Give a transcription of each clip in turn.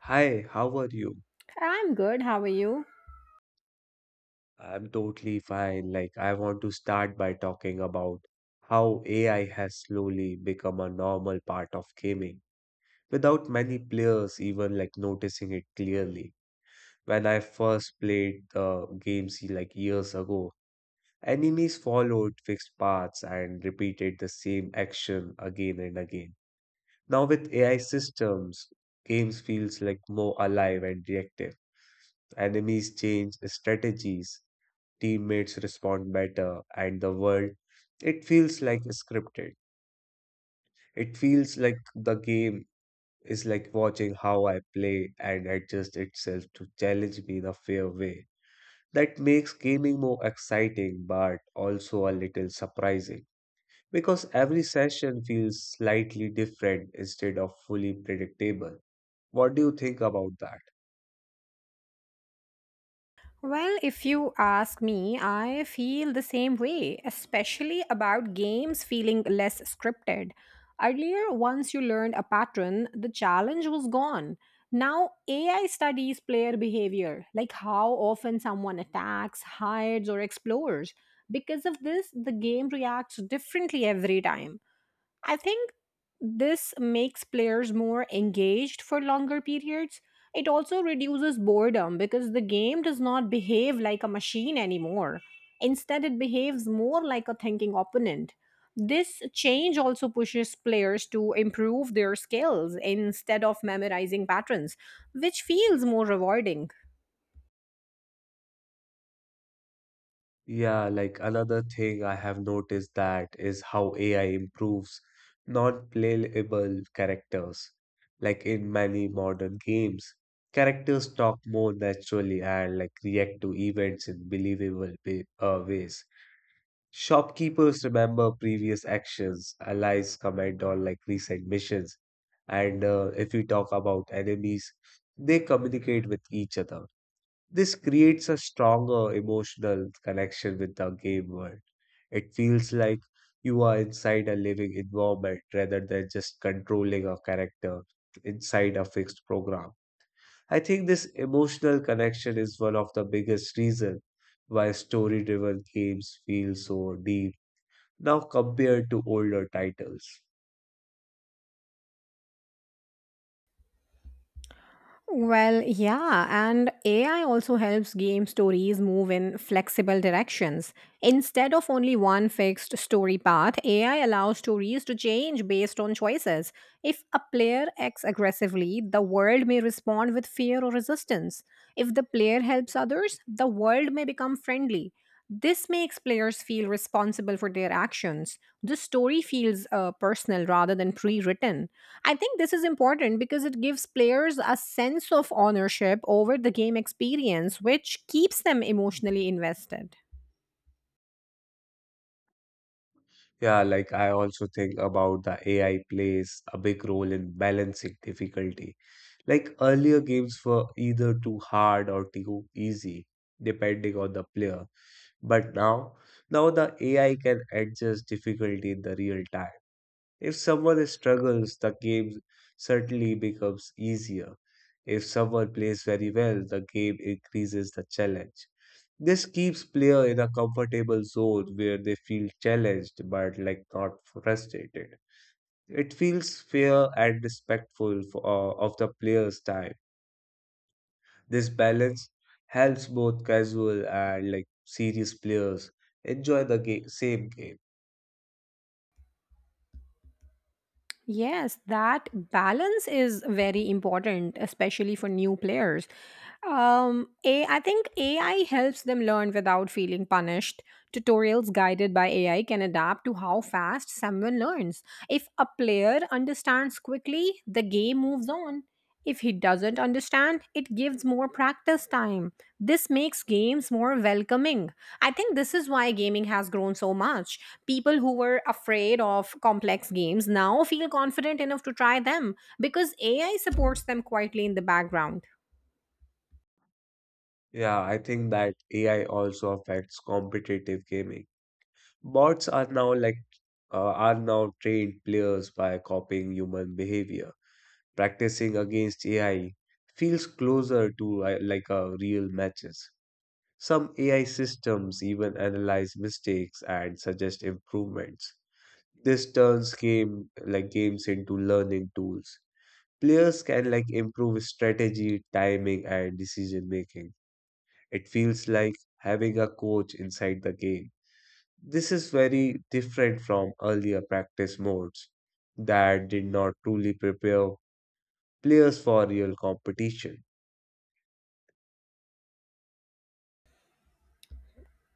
Hi, how are you? I'm good. How are you? I'm totally fine. I want to start by talking about how AI has slowly become a normal part of gaming without many players even noticing it clearly. When I first played the games like years ago, enemies followed fixed paths and repeated the same action again and again. Now with AI systems, games feels like more alive and reactive. Enemies change strategies, teammates respond better, and the world, it feels like scripted. It feels like the game is like watching how I play and adjust itself to challenge me in a fair way. That makes gaming more exciting but also a little surprising because every session feels slightly different instead of fully predictable. What do you think about that? Well, if you ask me, I feel the same way, especially about games feeling less scripted. Earlier, once you learned a pattern, the challenge was gone. Now, AI studies player behavior, like how often someone attacks, hides, or explores. Because of this, the game reacts differently every time. I think this makes players more engaged for longer periods. It also reduces boredom because the game does not behave like a machine anymore. Instead, it behaves more like a thinking opponent. This change also pushes players to improve their skills instead of memorizing patterns, which feels more rewarding. Yeah, like another thing I have noticed that is how AI improves non-playable characters. Like in many modern games, characters talk more naturally and like react to events in believable ways. Shopkeepers remember previous actions, allies comment on like recent missions, and if we talk about enemies, they communicate with each other. This creates a stronger emotional connection with the game world. It feels like you are inside a living environment rather than just controlling a character inside a fixed program. I think this emotional connection is one of the biggest reasons why story driven games feel so deep now compared to older titles. Well, yeah, and AI also helps game stories move in flexible directions. Instead of only one fixed story path, AI allows stories to change based on choices. If a player acts aggressively, the world may respond with fear or resistance. If the player helps others, the world may become friendly. This makes players feel responsible for their actions. The story feels personal rather than pre written. I think this is important because it gives players a sense of ownership over the game experience, which keeps them emotionally invested. Yeah, like I also think about the AI plays a big role in balancing difficulty. Like earlier games were either too hard or too easy, depending on the player. But now, the AI can adjust difficulty in the real time. If someone struggles, the game certainly becomes easier. If someone plays very well, the game increases the challenge. This keeps player in a comfortable zone where they feel challenged but like not frustrated. It feels fair and respectful of the player's time. This balance helps both casual and like serious players enjoy the game, same game. Yes, that balance is very important, especially for new players. I think AI helps them learn without feeling punished. Tutorials guided by AI can adapt to how fast someone learns. If a player understands quickly, the game moves on. If he doesn't understand, it gives more practice time. This makes games more welcoming. I think this is why gaming has grown so much. People who were afraid of complex games now feel confident enough to try them because AI supports them quietly in the background. Yeah, I think that AI also affects competitive gaming. Bots are now like are now trained players by copying human behavior, practicing against AI feels closer to like a real matches. Some AI systems even analyze mistakes and suggest improvements. This turns games into learning tools. Players can like improve strategy, timing, and decision making. It feels like having a coach inside the game. This is very different from earlier practice modes that did not truly prepare players for real competition.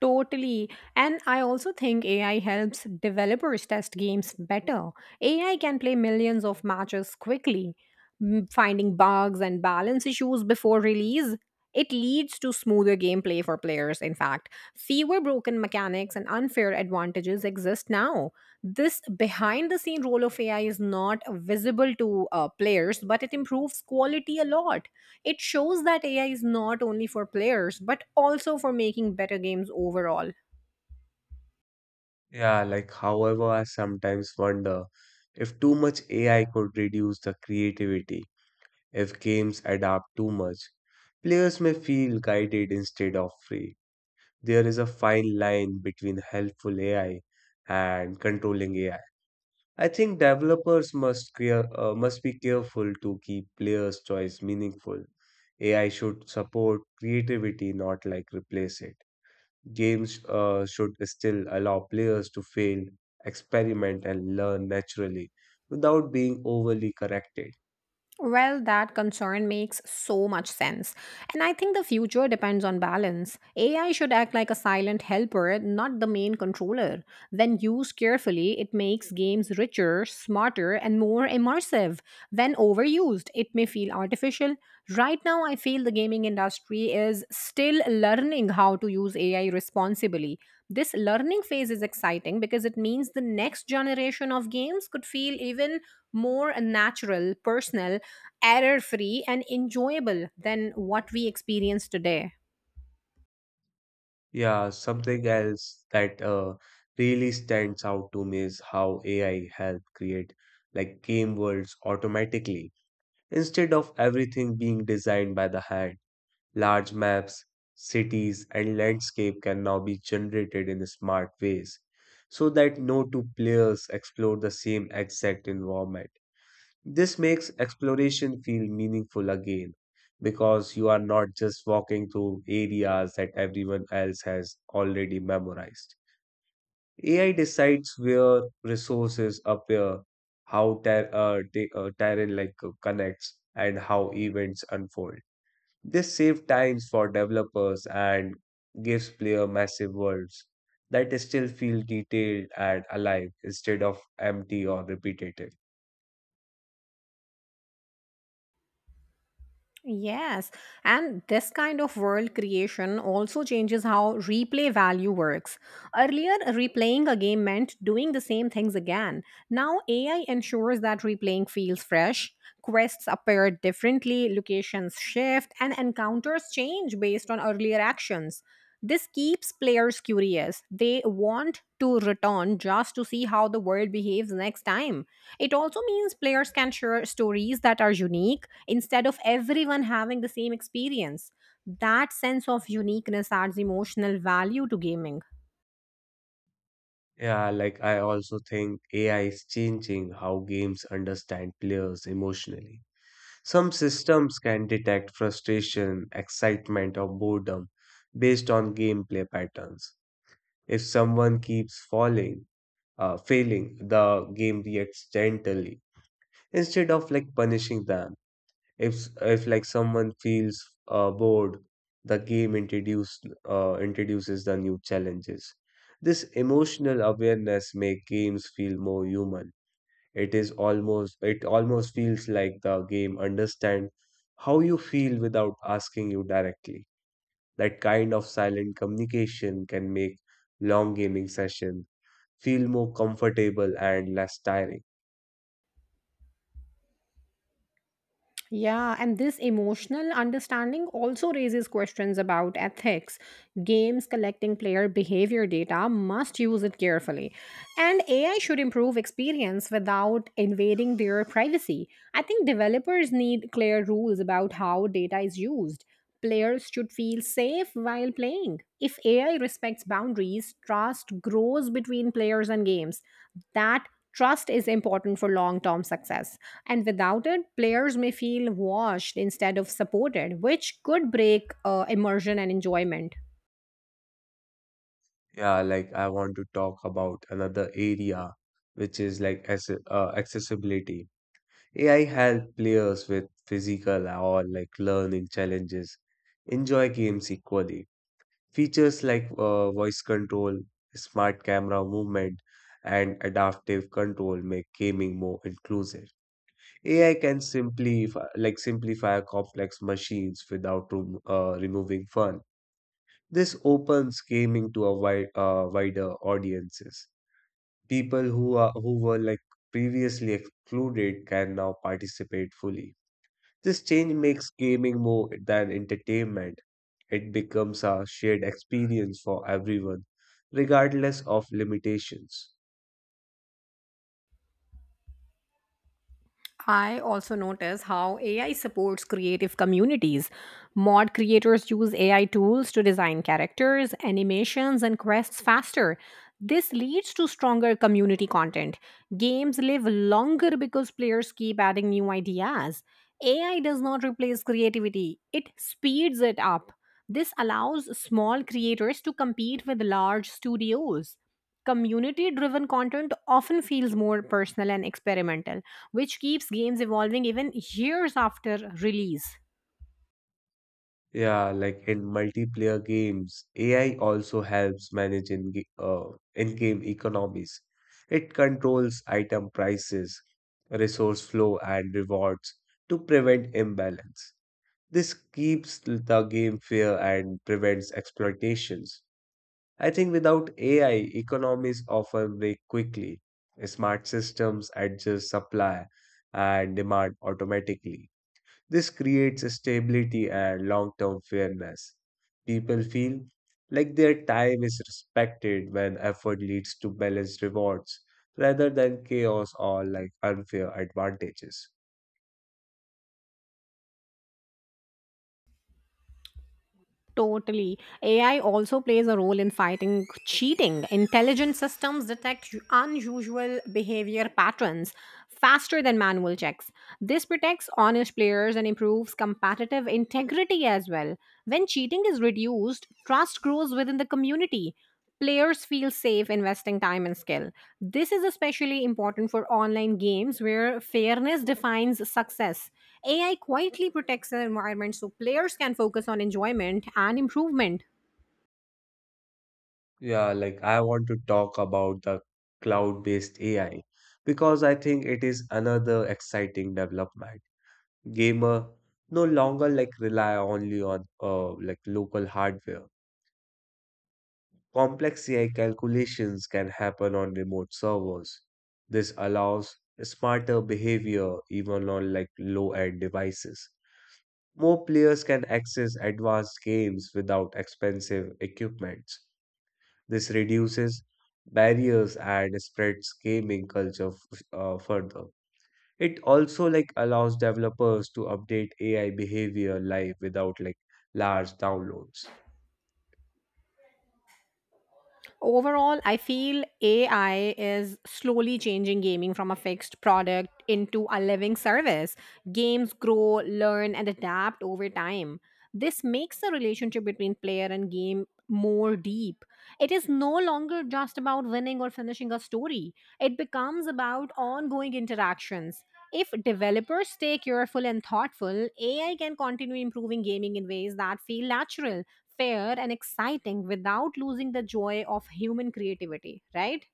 Totally. And I also think AI helps developers test games better. AI can play millions of matches quickly, finding bugs and balance issues before release. It leads to smoother gameplay for players, in fact. Fewer broken mechanics and unfair advantages exist now. This behind the scene role of AI is not visible to players, but it improves quality a lot. It shows that AI is not only for players, but also for making better games overall. Yeah, like, however, I sometimes wonder if too much AI could reduce the creativity, if games adapt too much. Players may feel guided instead of free. There is a fine line between helpful AI and controlling AI. I think developers must be careful to keep players' choice meaningful. AI should support creativity, not like replace it. Games should still allow players to fail, experiment, and learn naturally without being overly corrected. Well, that concern makes so much sense. And I think the future depends on balance. AI should act like a silent helper, not the main controller. When used carefully, it makes games richer, smarter, and more immersive. When overused, it may feel artificial. Right now, I feel the gaming industry is still learning how to use AI responsibly. This learning phase is exciting because it means the next generation of games could feel even more natural, personal, error free, and enjoyable than what we experience today. Yeah, something else that really stands out to me is how AI helped create like game worlds automatically instead of everything being designed by the hand. Large maps, cities, and landscape can now be generated in smart ways so that no two players explore the same exact environment. This makes exploration feel meaningful again because you are not just walking through areas that everyone else has already memorized. AI decides where resources appear, how terrain connects, and how events unfold. This saves times for developers and gives player massive worlds that still feel detailed and alive instead of empty or repetitive. Yes, and this kind of world creation also changes how replay value works. Earlier, replaying a game meant doing the same things again. Now, AI ensures that replaying feels fresh, quests appear differently, locations shift, and encounters change based on earlier actions. This keeps players curious. They want to return just to see how the world behaves next time. It also means players can share stories that are unique instead of everyone having the same experience. That sense of uniqueness adds emotional value to gaming. Yeah, like I also think AI is changing how games understand players emotionally. Some systems can detect frustration, excitement, or boredom based on gameplay patterns. If someone keeps failing, the game reacts gently instead of like punishing them. If like someone feels bored, the game introduces the new challenges. This emotional awareness make games feel more human. It almost feels like the game understand how you feel without asking you directly. That kind of silent communication can make long gaming session feel more comfortable and less tiring. Yeah, and this emotional understanding also raises questions about ethics. Games collecting player behavior data must use it carefully. And AI should improve experience without invading their privacy. I think developers need clear rules about how data is used. Players should feel safe while playing. If AI respects boundaries, trust grows between players and games. That Trust is important for long term success, and without it, players may feel washed instead of supported, which could break immersion and enjoyment. Yeah, like I want to talk about another area, which is like as accessibility. AI help players with physical or like learning challenges enjoy games equally. Features like voice control, smart camera movement, and adaptive control make gaming more inclusive. AI can simplify complex machines without removing fun. This opens gaming to a wider audiences. People who were like previously excluded can now participate fully. This change makes gaming more than entertainment. It becomes a shared experience for everyone, regardless of limitations. I also notice how AI supports creative communities. Mod creators use AI tools to design characters, animations, and quests faster. This leads to stronger community content. Games live longer because players keep adding new ideas. AI does not replace creativity, it speeds it up. This allows small creators to compete with large studios. Community driven content often feels more personal and experimental, which keeps games evolving even years after release. Yeah, like in multiplayer games, AI also helps manage in-game economies. It controls item prices, resource flow, and rewards to prevent imbalance. This keeps the game fair and prevents exploitations. I think without AI, economies often break quickly. Smart systems adjust supply and demand automatically. This creates stability and long term fairness. People feel like their time is respected when effort leads to balanced rewards rather than chaos or like unfair advantages. Totally. AI also plays a role in fighting cheating. Intelligent systems detect unusual behavior patterns faster than manual checks. This protects honest players and improves competitive integrity as well. When cheating is reduced, trust grows within the community. Players feel safe investing time and skill. This is especially important for online games where fairness defines success. AI quietly protects the environment so players can focus on enjoyment and improvement. Yeah, like I want to talk about the cloud-based AI because I think it is another exciting development. Gamer no longer like rely only on like local hardware. Complex AI calculations can happen on remote servers. This allows smarter behavior even on like low-end devices. More players can access advanced games without expensive equipment. This reduces barriers and spreads gaming culture further. It also like allows developers to update AI behavior live without like large downloads. Overall, I feel AI is slowly changing gaming from a fixed product into a living service. Games grow, learn, and adapt over time. This makes the relationship between player and game more deep. It is no longer just about winning or finishing a story, it becomes about ongoing interactions. If developers stay careful and thoughtful, AI can continue improving gaming in ways that feel natural, fair, and exciting without losing the joy of human creativity, right?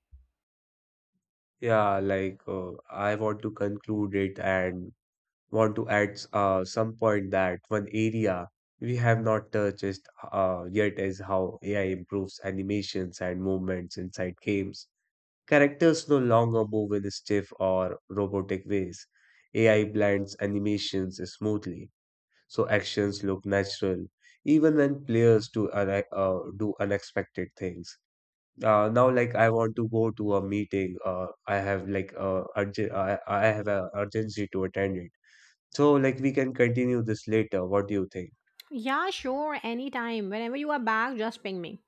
Yeah, I want to conclude it and want to add some point that one area we have not touched yet is how AI improves animations and movements inside games. Characters no longer move in stiff or robotic ways. AI blends animations smoothly, so actions look natural, even when players do unexpected things. Now, like I want to go to a meeting. I have like I have a urgency to attend it. So, like we can continue this later. What do you think? Yeah, sure, anytime. Whenever you are back, just ping me.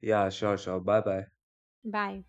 Yeah, sure. Bye, bye. Bye.